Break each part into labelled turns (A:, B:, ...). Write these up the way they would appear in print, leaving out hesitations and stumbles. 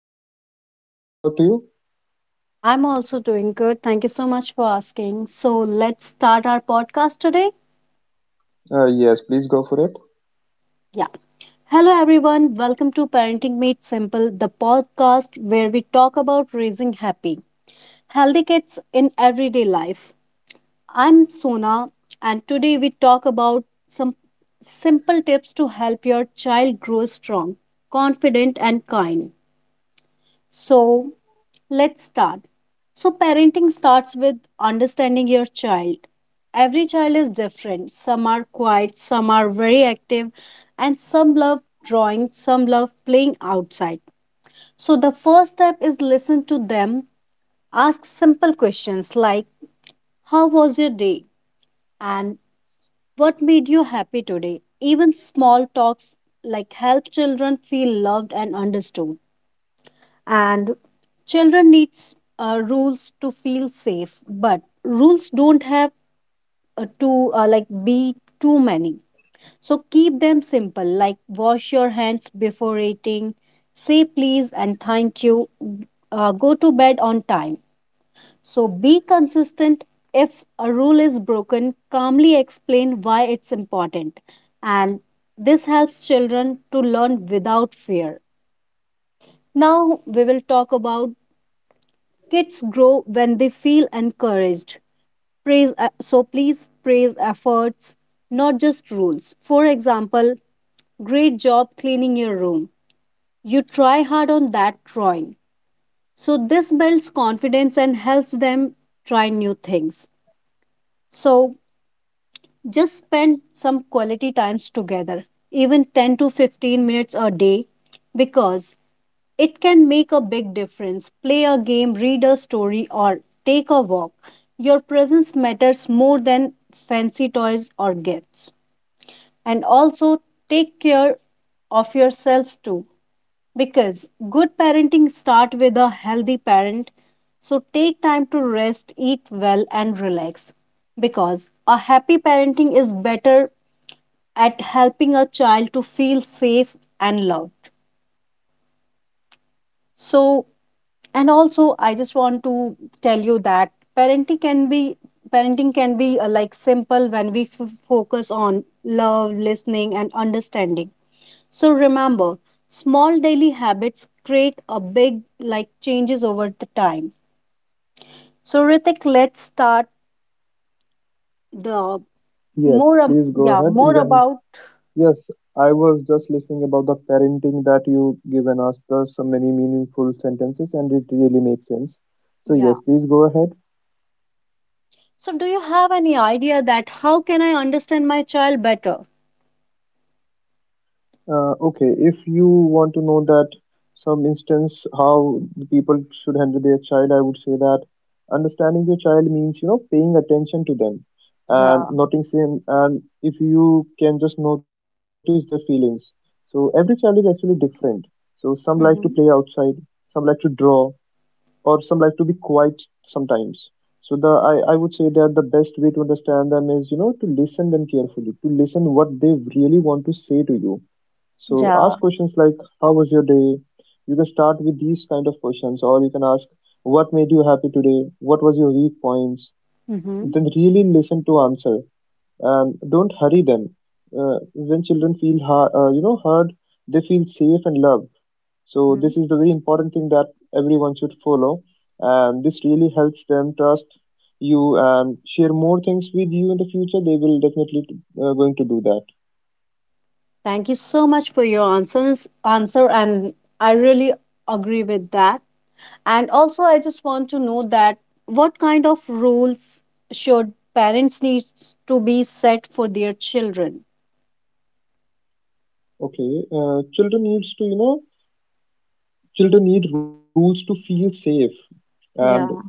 A: Hi Sona, I'm good. What about you?
B: I'm also doing good. Thank you so much for asking. So, let's start our podcast today.
A: Yes, please go for it.
B: Yeah. Hello, everyone. Welcome to Parenting Made Simple, the podcast where we talk about raising happy, healthy kids in everyday life. I'm Sona, and today we talk about some simple tips to help your child grow strong, confident, and kind. So, let's start. So, parenting starts with understanding your child. Every child is different. Some are quiet, some are very active, and some love drawing, some love playing outside. So, the first step is listen to them. Ask simple questions like, how was your day? And what made you happy today? Even small talks like help children feel loved and understood. And children needs rules to feel safe, but rules don't have to, like, be too many. So keep them simple, like wash your hands before eating, say please and thank you, go to bed on time. So be consistent. If a rule is broken, calmly explain why it's important. And this helps children to learn without fear. Now we will talk about. Kids grow when they feel encouraged. Praise, so please praise efforts, not just rules. For example, great job cleaning your room. You try hard on that drawing. So this builds confidence and helps them try new things. So just spend some quality times together, even 10 to 15 minutes a day, because it can make a big difference. Play a game, read a story, or take a walk. Your presence matters more than fancy toys or gifts. And also take care of yourself too, because good parenting starts with a healthy parent. So take time to rest, eat well, and relax, because a happy parenting is better at helping a child to feel safe and loved. So, and also I just want to tell you that parenting can be, parenting can be simple when we focus on love, listening and understanding. So remember, small daily habits create a big like changes over the time. So Ritik, let's start the
A: Yes,
B: more
A: please go
B: yeah,
A: ahead.
B: more
A: Even,
B: about,
A: yes, I was just listening about the parenting that you given us. There's so many meaningful sentences and it really makes sense. So
B: yeah.
A: yes, please go ahead.
B: So do you have any idea that how can I understand my child better?
A: Okay, if you want to know that some instance how the people should handle their child, I would say that understanding your child means paying attention to them and
B: Yeah.
A: noticing, and if you can just notice their feelings. So every child is actually different. So some like to play
B: Mm-hmm.
A: outside, some like to draw, or some like to be quiet sometimes. So I would say that the best way to understand them is to listen them carefully, to listen what they really want to say to you. So
B: Yeah.
A: ask questions like, "How was your day?" You can start with these kind of questions, or you can ask, "What made you happy today? What was your weak points?"
B: Mm-hmm.
A: Then really listen to answer and don't hurry them. When children feel heard, they feel safe and loved. So
B: Mm-hmm.
A: this is the very important thing that everyone should follow, and this really helps them trust you and share more things with you in the future. They will definitely going to do that.
B: Thank you so much for your answer, and I really agree with that. And also I just want to know that what kind of rules should parents need to be set for their children?
A: Okay, Children need rules to feel safe, and
B: Yeah.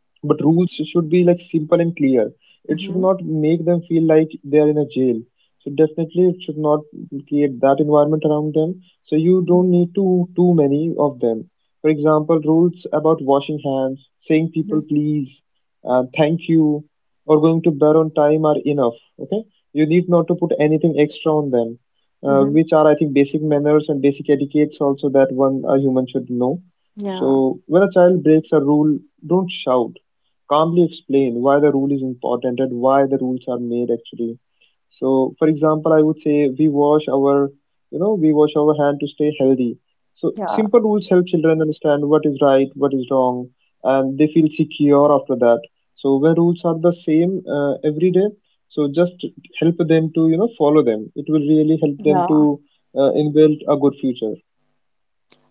A: but rules should be like simple and clear. It should
B: Mm-hmm.
A: not make them feel like they are in a jail. So definitely it should not create that environment around them. So you don't need too many of them. For example, rules about washing hands, saying people
B: Mm-hmm.
A: please, and thank you, or going to bed on time are enough. Okay? You need not to put anything extra on them.
B: Mm-hmm.
A: Which are, I think, basic manners and basic etiquettes also that one a human should know.
B: Yeah.
A: So when a child breaks a rule, don't shout. Calmly explain why the rule is important and why the rules are made actually. So, for example, I would say, we wash our hand to stay healthy. So,
B: Yeah.
A: simple rules help children understand what is right, what is wrong, and they feel secure after that. So, when rules are the same every day, so just help them to follow them. It will really help them
B: Yeah.
A: to inbuild a good future.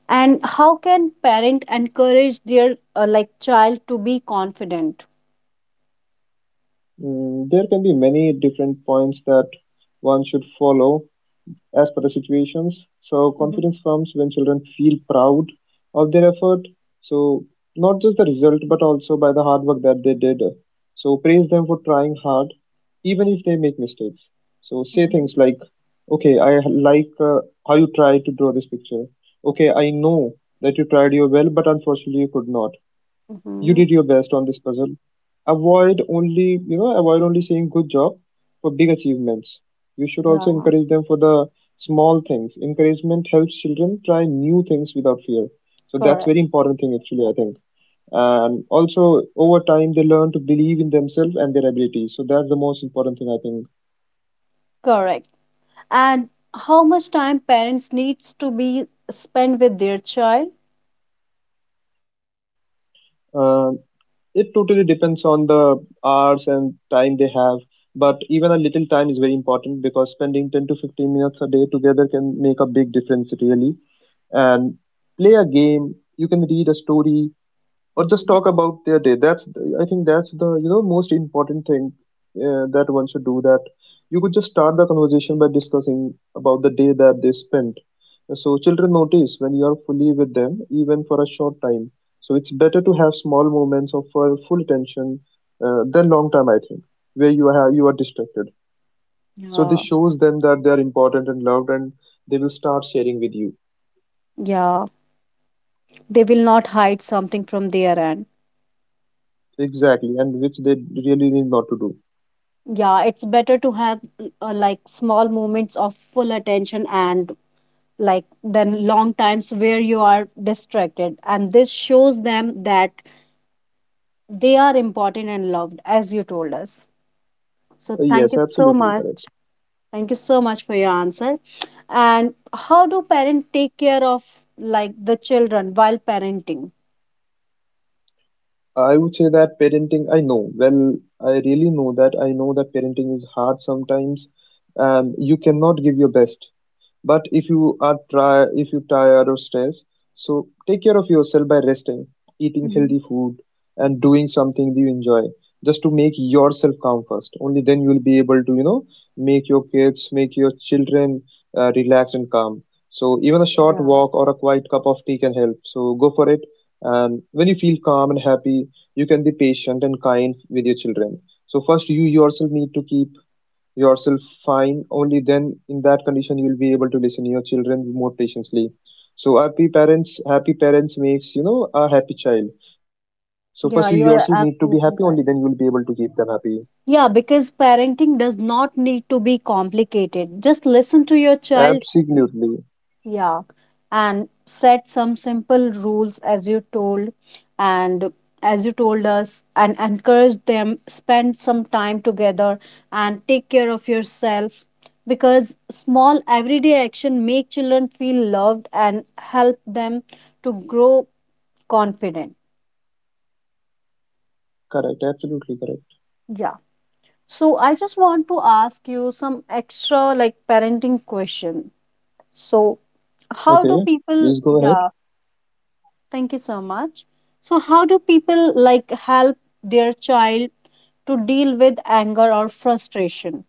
B: And how can parent encourage their like child to be confident?
A: There can be many different points that one should follow as per the situations. So
B: Mm-hmm.
A: confidence comes when children feel proud of their effort. So not just the result, but also by the hard work that they did. So praise them for trying hard, even if they make mistakes. So say
B: Mm-hmm.
A: things like, "Okay, I like how you tried to draw this picture. Okay, I know that you tried your well, but unfortunately you could not you
B: Mm-hmm.
A: did your best on this puzzle." Avoid only saying good job for big achievements. You should also
B: Yeah.
A: encourage them for the small things. Encouragement helps children try new things without fear. So that's
B: Correct.
A: very important thing actually, I think. And also over time they learn to believe in themselves and their abilities. So that's the most important thing, I think.
B: Correct. And how much time parents needs to be spent with their child?
A: Um It totally depends on the hours and time they have, but even a little time is very important, because spending 10 to 15 minutes a day together can make a big difference, really. And play a game, you can read a story, or just
B: Hmm.
A: talk about their day. That's, I think, that's the most important thing that one should do. That you could just start the conversation by discussing about the day that they spent. So children notice when you are fully with them even for a short time, so it's better to have small moments of full attention than long time, I think, where you are distracted. So this
B: Yeah.
A: shows them that they are important and loved, and they will start sharing with you
B: Yeah, they will not hide something from their end.
A: exactly and which they really need not to do.
B: Yeah, it's better to have, like, small moments of full attention and like than long times where you are distracted, and this shows them that they are important and loved, as you told us. So thank
A: Yes,
B: you so
A: absolutely correct.
B: much. Thank you so much for your answer. And how do parents take care of like the children while parenting?
A: I would say that parenting, I know, well, I really know that I know that parenting is hard sometimes and you cannot give your best. But if you tired or stressed, so take care of yourself by resting, eating
B: Hmm.
A: healthy food, and doing something you enjoy. Just to make yourself calm first. Only then you will be able to make your children relax and calm. So even a short
B: Yeah.
A: walk or a quiet cup of tea can help. So go for it. And when you feel calm and happy, you can be patient and kind with your children. So first, you yourself need to keep yourself fine. Only then, in that condition, you will be able to listen to your children more patiently. So happy parents makes, a happy child. So first you yourself need
B: Yeah,
A: to be
B: you are
A: happy, only then you will
B: absolutely
A: be able
B: right.
A: to keep them happy.
B: Yeah, because parenting does not need to be complicated. Just listen to your child.
A: Absolutely
B: Yeah, and set some simple rules, and as you told us, and encourage them, spend some time together and take care of yourself, because small everyday action make children feel loved and help them to grow confident.
A: correct, absolutely correct.
B: Yeah. So I just want to ask you some extra like parenting question. So how do
A: Okay,
B: people,
A: please go ahead.
B: yeah, thank you so much. So, how do people like help their child to deal with anger or frustration?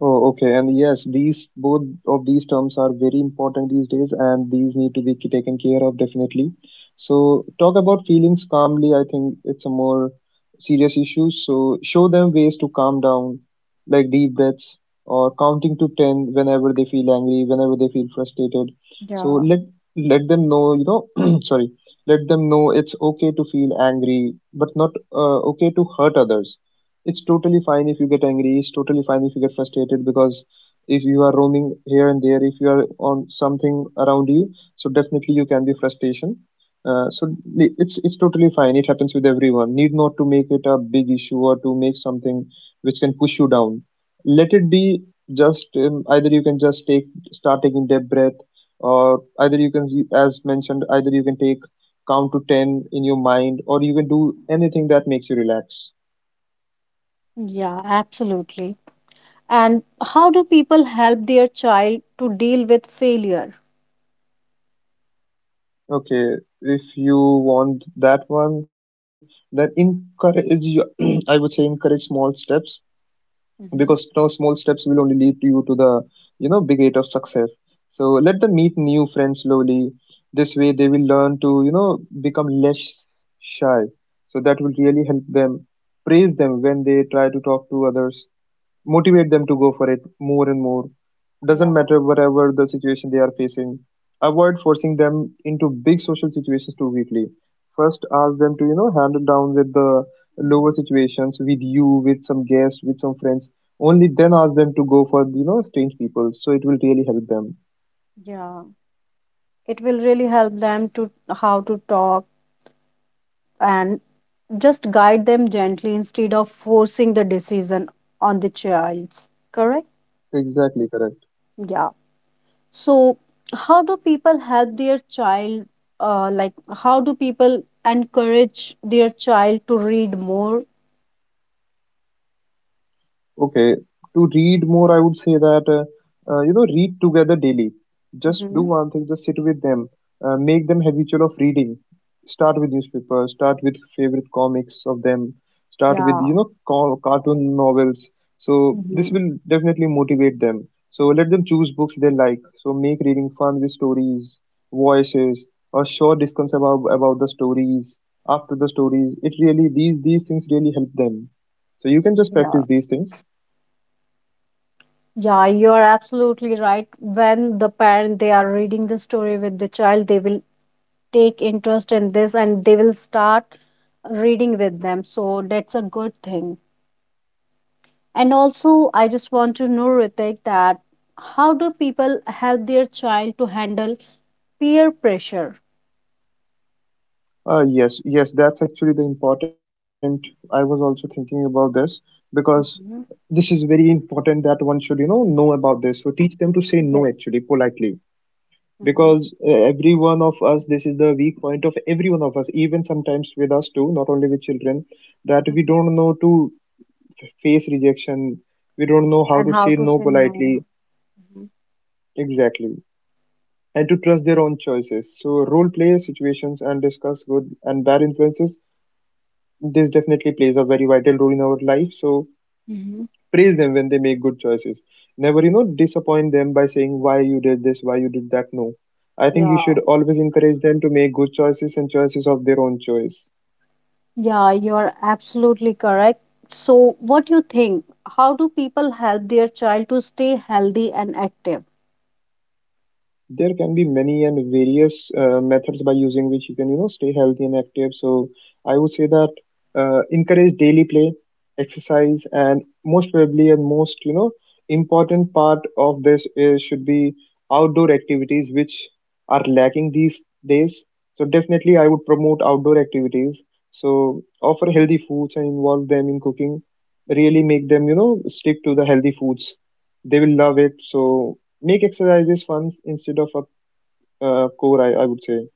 A: Oh, okay. And yes, these both of these terms are very important these days, and these need to be taken care of definitely. So, talk about feelings calmly. I think it's a more serious issue. So, show them ways to calm down, like deep breaths or counting to 10 whenever they feel angry, whenever they feel frustrated. So,
B: Yeah,
A: let them know, sorry, let them know it's okay to feel angry, but not okay to hurt others. It's totally fine if you get angry, it's totally fine if you get frustrated, because if you are roaming here and there, if you are on something around you, so definitely you can be frustration, so it's totally fine. It happens with everyone. Need not to make it a big issue or to make something which can push you down. Let it be. Just either you can just take start taking deep breath, or either you can as mentioned either you can take count to 10 in your mind, or you can do anything that makes you relax.
B: yeah, absolutely. And how do people help their child to deal with failure?
A: Okay, if you want that one, then encourage you, I would say encourage small steps, because
B: Mm-hmm.
A: no small steps will only lead to you to the big gate of success. So let them meet new friends slowly. This way they will learn to become less shy. So that will really help them. Praise them when they try to talk to others, motivate them to go for it more and more. Doesn't
B: Yeah,
A: matter whatever the situation they are facing. Avoid forcing them into big social situations too quickly. First, ask them to handle down with the lower
B: mm-hmm.
A: situations with you, with some guests, with some friends. Only then ask them to go for strange people. So it will really help them.
B: Yeah. It will really help them to how to talk and just guide them gently instead of forcing the decision on the child's. Correct?
A: Exactly correct.
B: Yeah. So, how do people help their child? Like, how do people encourage their child to read more?
A: Okay, to read more, I would say that read together daily. Just do
B: Mm-hmm.
A: one thing. Just sit with them. Make them habitual of reading. Start with newspapers. Start with favorite comics of them. Start with
B: Yeah.
A: cartoon novels. So this
B: Mhm.
A: will definitely motivate them. So let them choose books they like. So make reading fun with stories, voices, or short discussions about the stories. After the stories, it really these things really help them. So you can just
B: Yeah.
A: practice these things.
B: Yeah, you are absolutely right. When the parent they are reading the story with the child, they will take interest in this and they will start reading with them. So that's a good thing. And also, I just want to know, Ritik, that how do people help their child to handle peer pressure?
A: Yes, yes, that's actually the important. I was also thinking about this because
B: Mm-hmm.
A: this is very important that one should know about this. So teach them to say no
B: Yes.
A: actually politely,
B: Mm-hmm.
A: because every one of us, this is the weak point of every one of us, even sometimes with us too, not only with children, that we
B: Hmm.
A: don't know to face rejection. We don't know how
B: And
A: to
B: how
A: say
B: to
A: no
B: say no.
A: politely
B: Hmm.
A: exactly, and to trust their own choices. So role play situations and discuss good and bad influences. This definitely plays a very vital role in our life, so
B: Hmm.
A: praise them when they make good choices. Never, you know, disappoint them by saying why you did this, why you did that. No, I think you
B: Yeah.
A: should always encourage them to make good choices and choices of their own choice.
B: Yeah, you're absolutely correct. So, what do you think? How do people help their child to stay healthy and active?
A: There can be many and various methods by using which you can, you know, stay healthy and active. So I would say that encourage daily play, exercise, and most probably and most, you know, important part of this is should be outdoor activities which are lacking these days. So definitely I would promote outdoor activities. So offer
B: Mm-hmm.
A: healthy foods and involve them in cooking. Really make them, you know, stick to the healthy foods. They will love it. So make exercises fun instead of a core. I would say,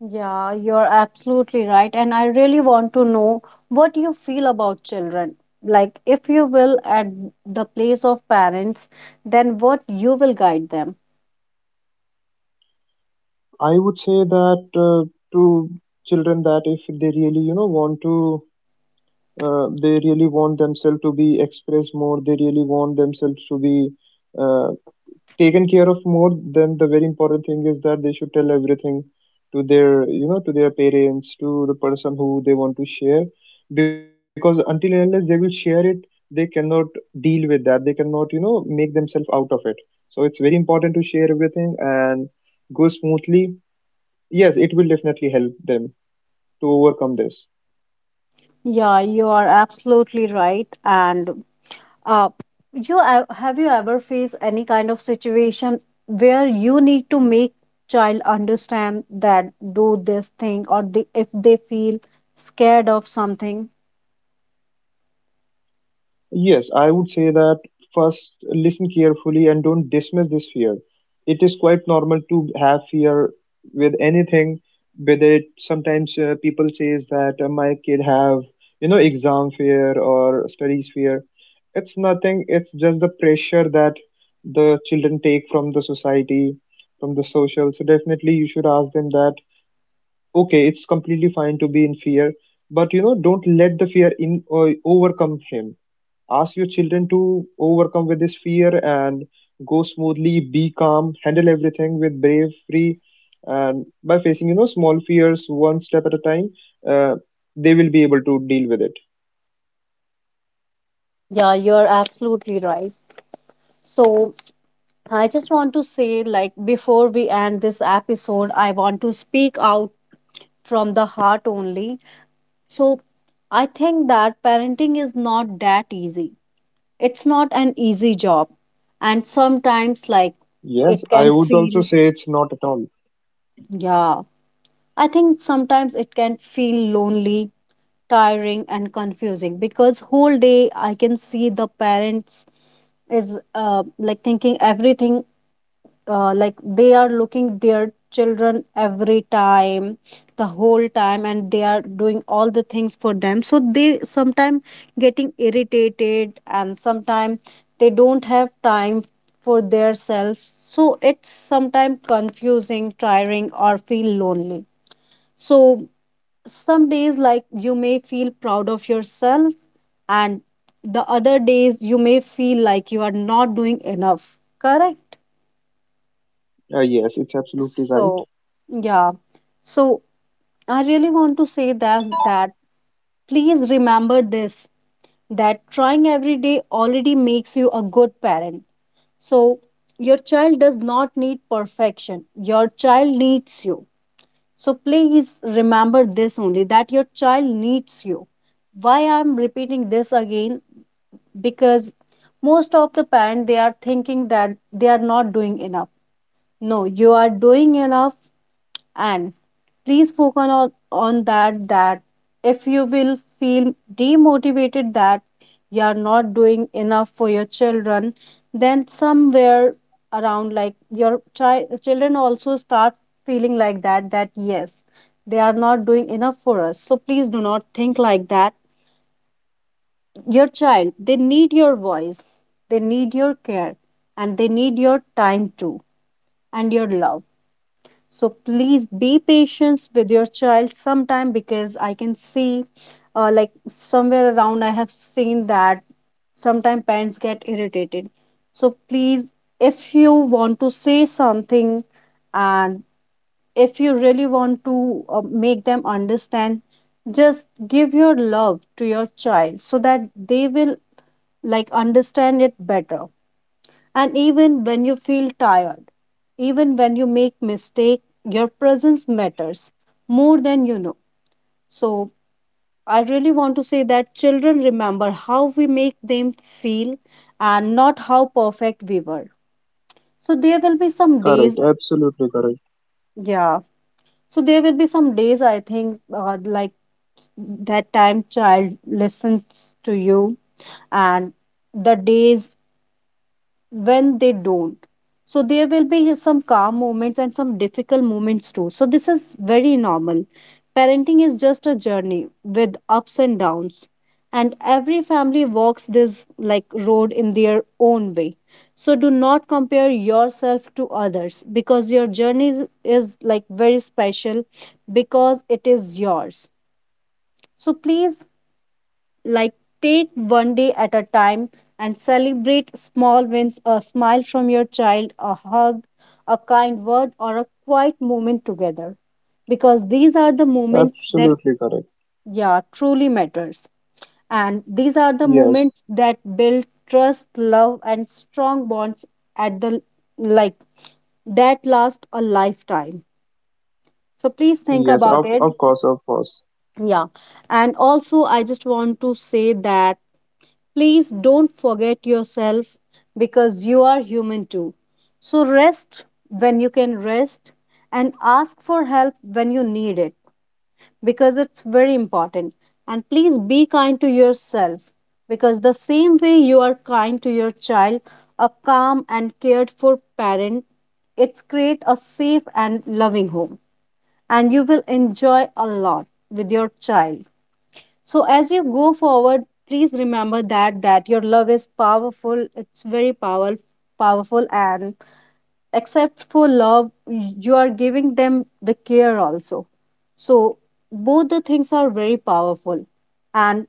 B: Yeah, you're absolutely right. And I really want to know what you feel about children. Like, if you will at the place of parents, then what you will guide them.
A: I would say that to children that if they really, you know, want to they really want themselves to be expressed more, they really want themselves to be uh, taken care of more, then the very important thing is that they should tell everything to their, you know, to their parents, to the person who they want to share. Because until and unless they will share it, they cannot deal with that. They cannot, you know, make themselves out of it. So it's very important to share everything and go smoothly. Yes, it will definitely help them to overcome this.
B: Yeah, you are absolutely right. And uh, you have you ever faced any kind of situation where you need to make child understand that do this thing or they, if they feel scared of something?
A: Yes, I would say that first listen carefully and don't dismiss this fear. It is quite normal to have fear with anything, whether it sometimes people says that my kid have, you know, exam fear or studies fear. It's nothing. It's just the pressure that the children take from the society, from the social. So definitely you should ask them that okay, it's completely fine to be in fear, but you know don't let the fear in or overcome him. Ask your children to overcome with this fear and go smoothly, be calm, handle everything with bravery and by facing, you know, small fears one step at a time. uh, they will be able to deal with it.
B: Yeah, you're absolutely right. So, I just want to say, like, before we end this episode, I want to speak out from the heart only. So, I think that parenting is not that easy. It's not an easy job. And sometimes, like,
A: Yes,
B: it
A: I
B: can
A: would also
B: feel,
A: say it's not at all.
B: yeah, I think sometimes it can feel lonely, tiring, and confusing, because whole day I can see the parents is, like, thinking everything, like they are looking their children every time, the whole time, and they are doing all the things for them, so they sometimes getting irritated and sometimes they don't have time for their selves. So it's sometimes confusing, tiring, or feel lonely. So some days, like, you may feel proud of yourself, and the other days you may feel like you are not doing enough. Correct?
A: Yes, it's absolutely
B: So,
A: right.
B: yeah. So, I really want to say that, please remember this, that trying every day already makes you a good parent. So, your child does not need perfection. Your child needs you. So, please remember this only, that your child needs you. Why I'm repeating this again? Because most of the parent they are thinking that they are not doing enough. No, you are doing enough, and please focus on that, that if you will feel demotivated that you are not doing enough for your children, then somewhere around like your children also start feeling like that, yes, they are not doing enough for us. So please do not think like that. Your child, they need your voice, they need your care, and they need your time too, and your love. So please be patient with your child sometime, because I can see, like, somewhere around, I have seen that sometimes parents get irritated. So please, if you want to say something and if you really want to make them understand, just give your love to your child so that they will like understand it better. And even when you feel tired, even when you make mistake, your presence matters more than you know. So I really want to say that children remember how we make them feel, and not how perfect we were. So there will be some days,
A: Correct, absolutely correct,
B: yeah. So there will be some days, I think, like, that time child listens to you and the days when they don't. So there will be some calm moments and some difficult moments too. So this is very normal. Parenting is just a journey with ups and downs. And every family walks this like road in their own way. So do not compare yourself to others, because your journey is like very special, because it is yours. So please like take one day at a time and celebrate small wins, a smile from your child, a hug, a kind word, or a quiet moment together, because these are the moments that,
A: absolutely correct.
B: yeah, truly matters, and these are the
A: Yes,
B: moments that build trust, love and strong bonds at the like that last a lifetime. So please think
A: yes,
B: about
A: of,
B: it,
A: of course, of course.
B: yeah. And also I just want to say that please don't forget yourself, because you are human too. So rest when you can rest, and ask for help when you need it, because it's very important. And please be kind to yourself, because the same way you are kind to your child, a calm and cared for parent, it's create a safe and loving home, and you will enjoy a lot with your child. So as you go forward, please remember that your love is powerful. It's very powerful, powerful, and except for love, you are giving them the care also. So both the things are very powerful, and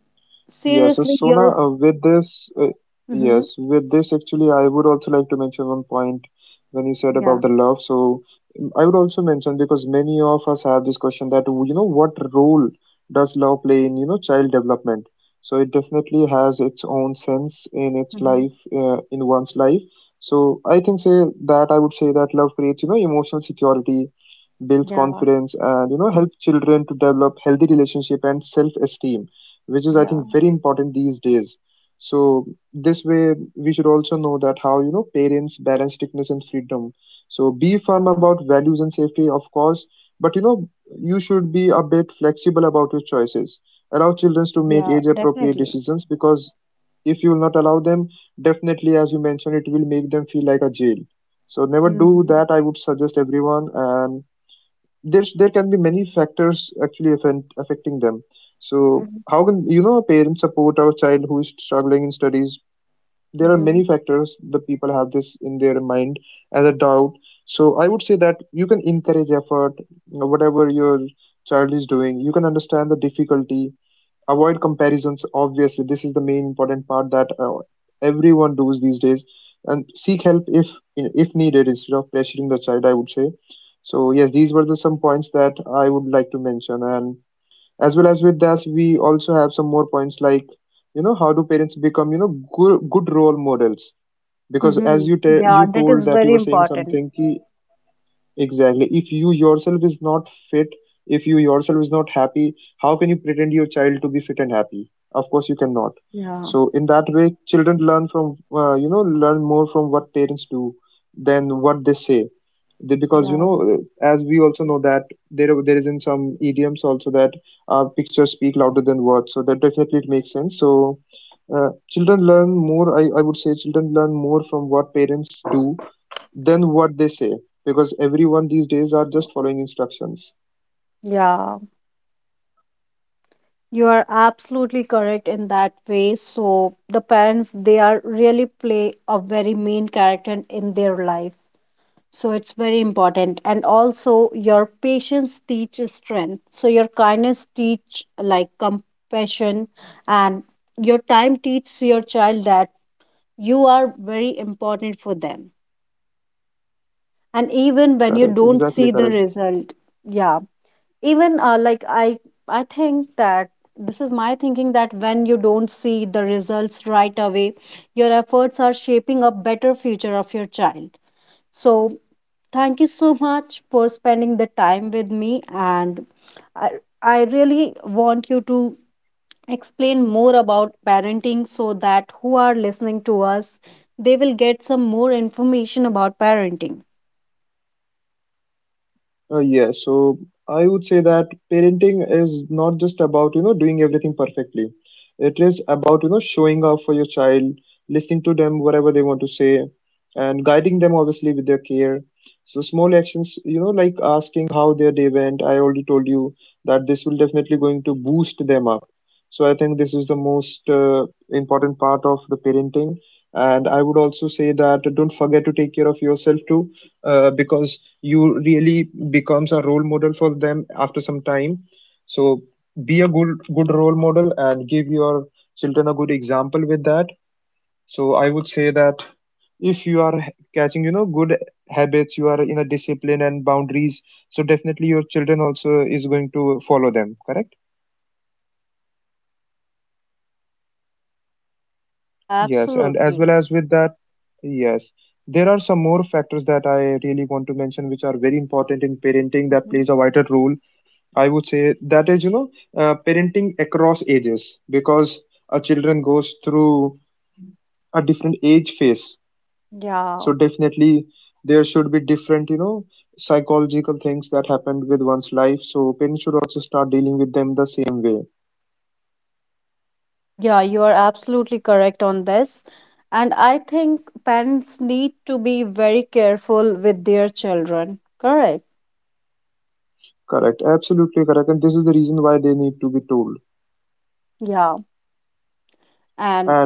A: Yeah, so
B: seriously,
A: Sona,
B: your
A: with this,
B: mm-hmm.
A: yes, with this actually, I would also like to mention one point when you said
B: Yeah.
A: about the love. So I would also mention because many of us have this question that, you know, what role does love play in, you know, child development? So it definitely has its own sense in its
B: Hmm.
A: life, in one's life. So I think say that I would say that love creates, you know, emotional security, builds
B: Yeah.
A: confidence, and, you know, help children to develop healthy relationship and self-esteem, which is I
B: Yeah.
A: think very important these days. So this way we should also know that how, you know, parents balance strictness and freedom. So be firm
B: Yeah.
A: about values and safety, of course, but you know you should be a bit flexible about your choices. Allow children to make
B: Yeah.
A: age-appropriate
B: Definitely.
A: decisions, because if you will not allow them, definitely, as you mentioned, it will make them feel like a jail. So never do
B: Mm-hmm.
A: that. I would suggest everyone, and there can be many factors actually affect, affecting them. So
B: Mm-hmm.
A: how can, you know, parents support our child who is struggling in studies? There are
B: Mm-hmm,
A: many factors the people have this in their mind as a doubt. So I would say that you can encourage effort. You know, whatever your child is doing, you can understand the difficulty. Avoid comparisons. Obviously, this is the main important part that everyone does these days. And seek help if needed instead of pressuring the child, I would say. So yes, these were the some points that I would like to mention. And as well as with that, we also have some more points like, you know, how do parents become, you know, good, good role models? Because as
B: mm-hmm.
A: you
B: Yeah,
A: you
B: that
A: told
B: is
A: that you
B: very
A: were saying
B: important.
A: something ki exactly. If you yourself is not fit, if you yourself is not happy, how can you pretend your child to be fit and happy? Of course, you cannot.
B: Yeah.
A: So in that way, children learn from you know learn more from what parents do than what they say. They, because you
B: Yeah.
A: know, as we also know that there is in some idioms also that pictures speak louder than words. So that definitely it makes sense. So children learn more. I would say children learn more from what parents do than
B: Yeah. You are absolutely correct in that way. So the parents they are really play a very main character in their life. So it's very important. And also your patience teaches strength. So your kindness teach like compassion and your time teaches your child that you are very important for them. And even when you don't see the result, yeah, even like I think that this is my thinking that when you don't see the results right away, your efforts are shaping a better future of your child. So thank you so much for spending the time with me, and i, I really want you to explain more about parenting so that who are listening to us, they will get some more information about parenting. Yeah, absolutely. Mhm. Yeah. Yeah, you are absolutely correct on this. And I think parents need to be very careful with their children. Correct. Yeah. And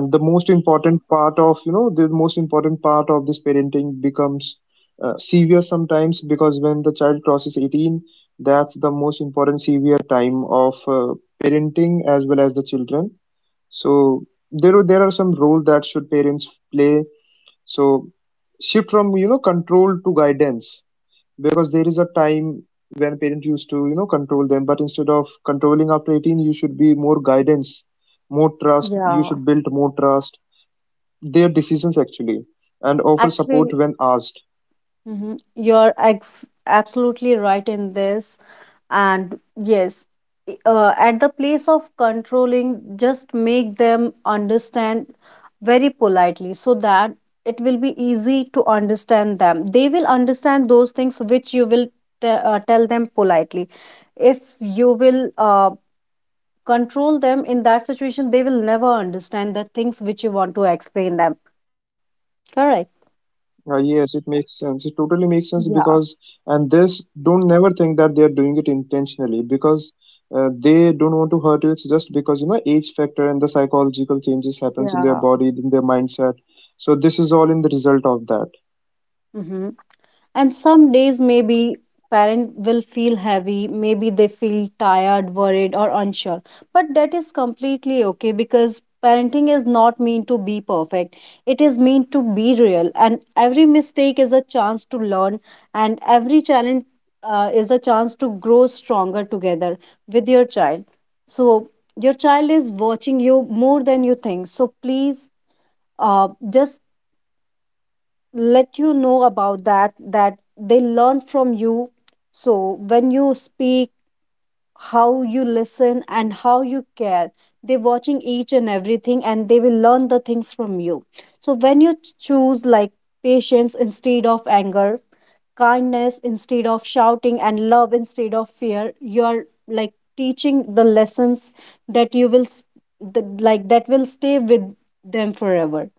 B: yeah, actually, mhm, you're ex absolutely right in this. And yes, at the place of controlling, just make them understand very politely so that it will be easy to understand them. They will understand those things which you will tell them politely. If you will control them in that situation, they will never understand the things which you want to explain them. Correct. Yeah, yeah. hmm And some days, maybe parent will feel heavy, maybe they feel tired, worried, or unsure. But that is completely okay because parenting is not meant to be perfect. It is meant to be real, and every mistake is a chance to learn, and every challenge is a chance to grow stronger together with your child. So your child is watching you more than you think. So please, just let you know about that, that they learn from you. So when you speak, how you listen, and how you care, they're watching each and everything and they will learn the things from you. So when you choose like patience instead of anger, kindness instead of shouting, and love instead of fear, you are like teaching the lessons that you will like that will stay with them forever.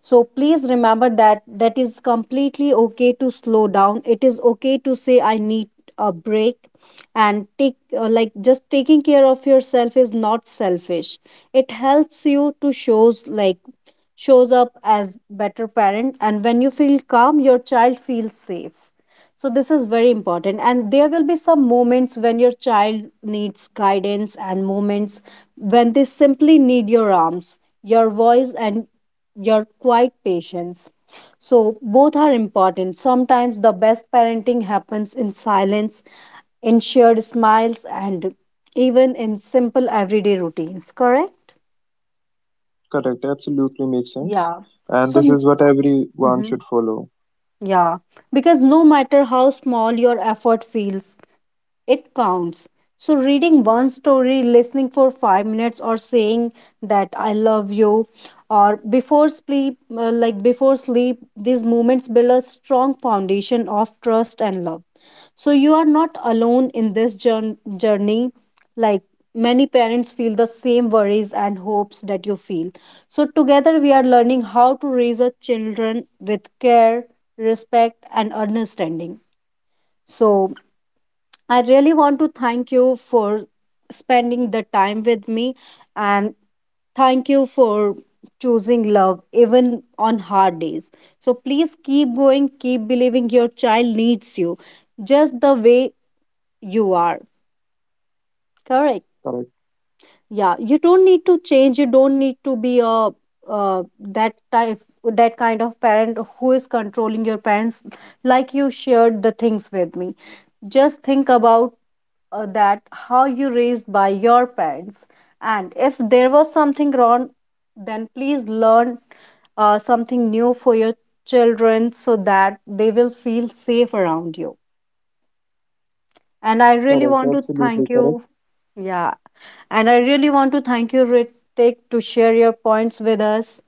B: So please remember that that is completely okay to slow down. It is okay to say I need a break, and take like just taking care of yourself is not selfish. It helps you to shows like shows up as better parent, and when you feel calm, your child feels safe. So this is very important. And there will be some moments when your child needs guidance and moments when they simply need your arms, your voice, and your quiet patience. So both are important. Sometimes the best parenting happens in silence, in shared smiles, and even in simple everyday routines, correct? Yeah. So, mhm. yeah, because no matter how small your effort feels, it counts. So, reading one story, listening for 5 minutes, or saying that I love you, or before sleep, like before sleep, these moments build a strong foundation of trust and love. So, you are not alone in this journey. Like many parents feel the same worries and hopes that you feel. So, together we are learning how to raise our children with care, respect, and understanding. So, I really want to thank you for spending the time with me, and thank you for choosing love even on hard days. So please keep going, keep believing your child needs you just the way you are. Correct. Yeah, you don't need to change. You don't need to be a that type, that kind of parent who is controlling your parents. Like you shared the things with me. Just think about that how you raised by your parents, and if there was something wrong, then please learn something new for your children so that they will feel safe around you. And I really want to thank you. Yeah. And I really want to thank you, Ritik, to share your points with us.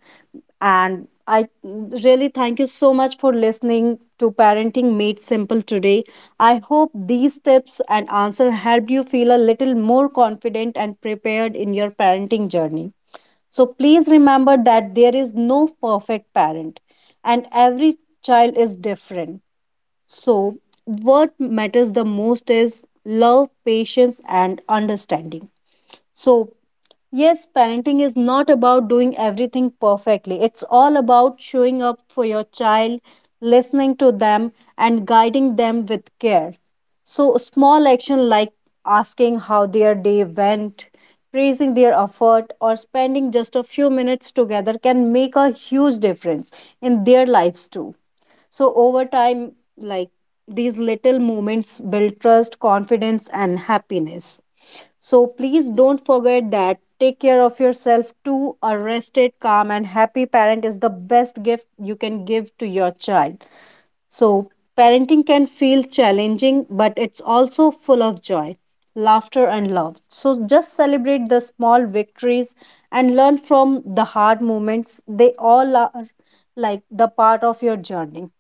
B: And I really thank you so much for listening to Parenting Made Simple today. I hope these tips and answer helped you feel a little more confident and prepared in your parenting journey. So please remember that there is no perfect parent and every child is different. So, what matters the most is love, patience, and understanding. So, yes, parenting is not about doing everything perfectly. It's all about showing up for your child, listening to them, and guiding them with care. So, small action like asking how their day went, praising their effort, or spending just a few minutes together can make a huge difference in their lives too. So over time, like these little moments build trust, confidence, and happiness. So please don't forget that. Take care of yourself too. A rested, calm, and happy parent is the best gift you can give to your child. So, parenting can feel challenging, but it's also full of joy, laughter, and love. So, just celebrate the small victories and learn from the hard moments. They all are like the part of your journey.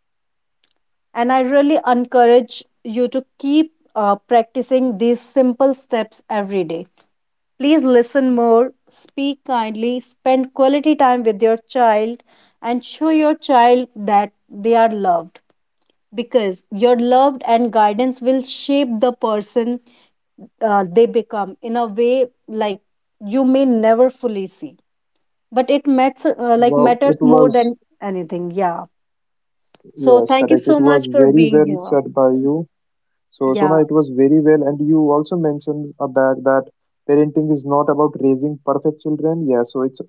B: And I really encourage you to keep practicing these simple steps every day. Please listen more, speak kindly, spend quality time with your child, and show your child that they are loved, because your love and guidance will shape the person they become in a way like you may never fully see, but it matters like matters more than anything. Yeah. So thank you so much for being here. Yeah.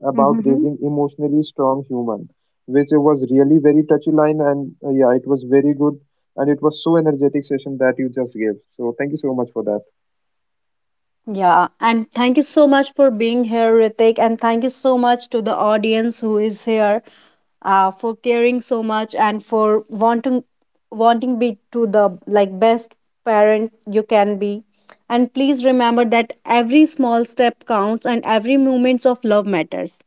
B: Hmm. Yeah, and thank you so much for being here, Ritik, and thank you so much to the audience who is here, for caring so much and for wanting be to the like best parent you can be. And please remember that every small step counts and every moments of love matters.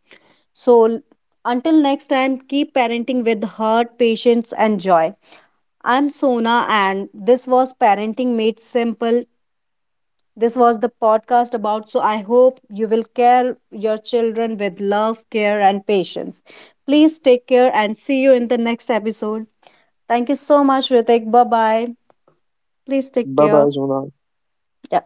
B: So until next time, keep parenting with heart, patience, and joy. I'm Sona, and this was Parenting Made Simple. This was the podcast about, so I hope you will care your children with love, care, and patience. Please take care and see you in the next episode. Thank you so much, Ritik. Bye bye. Please take care. Yeah.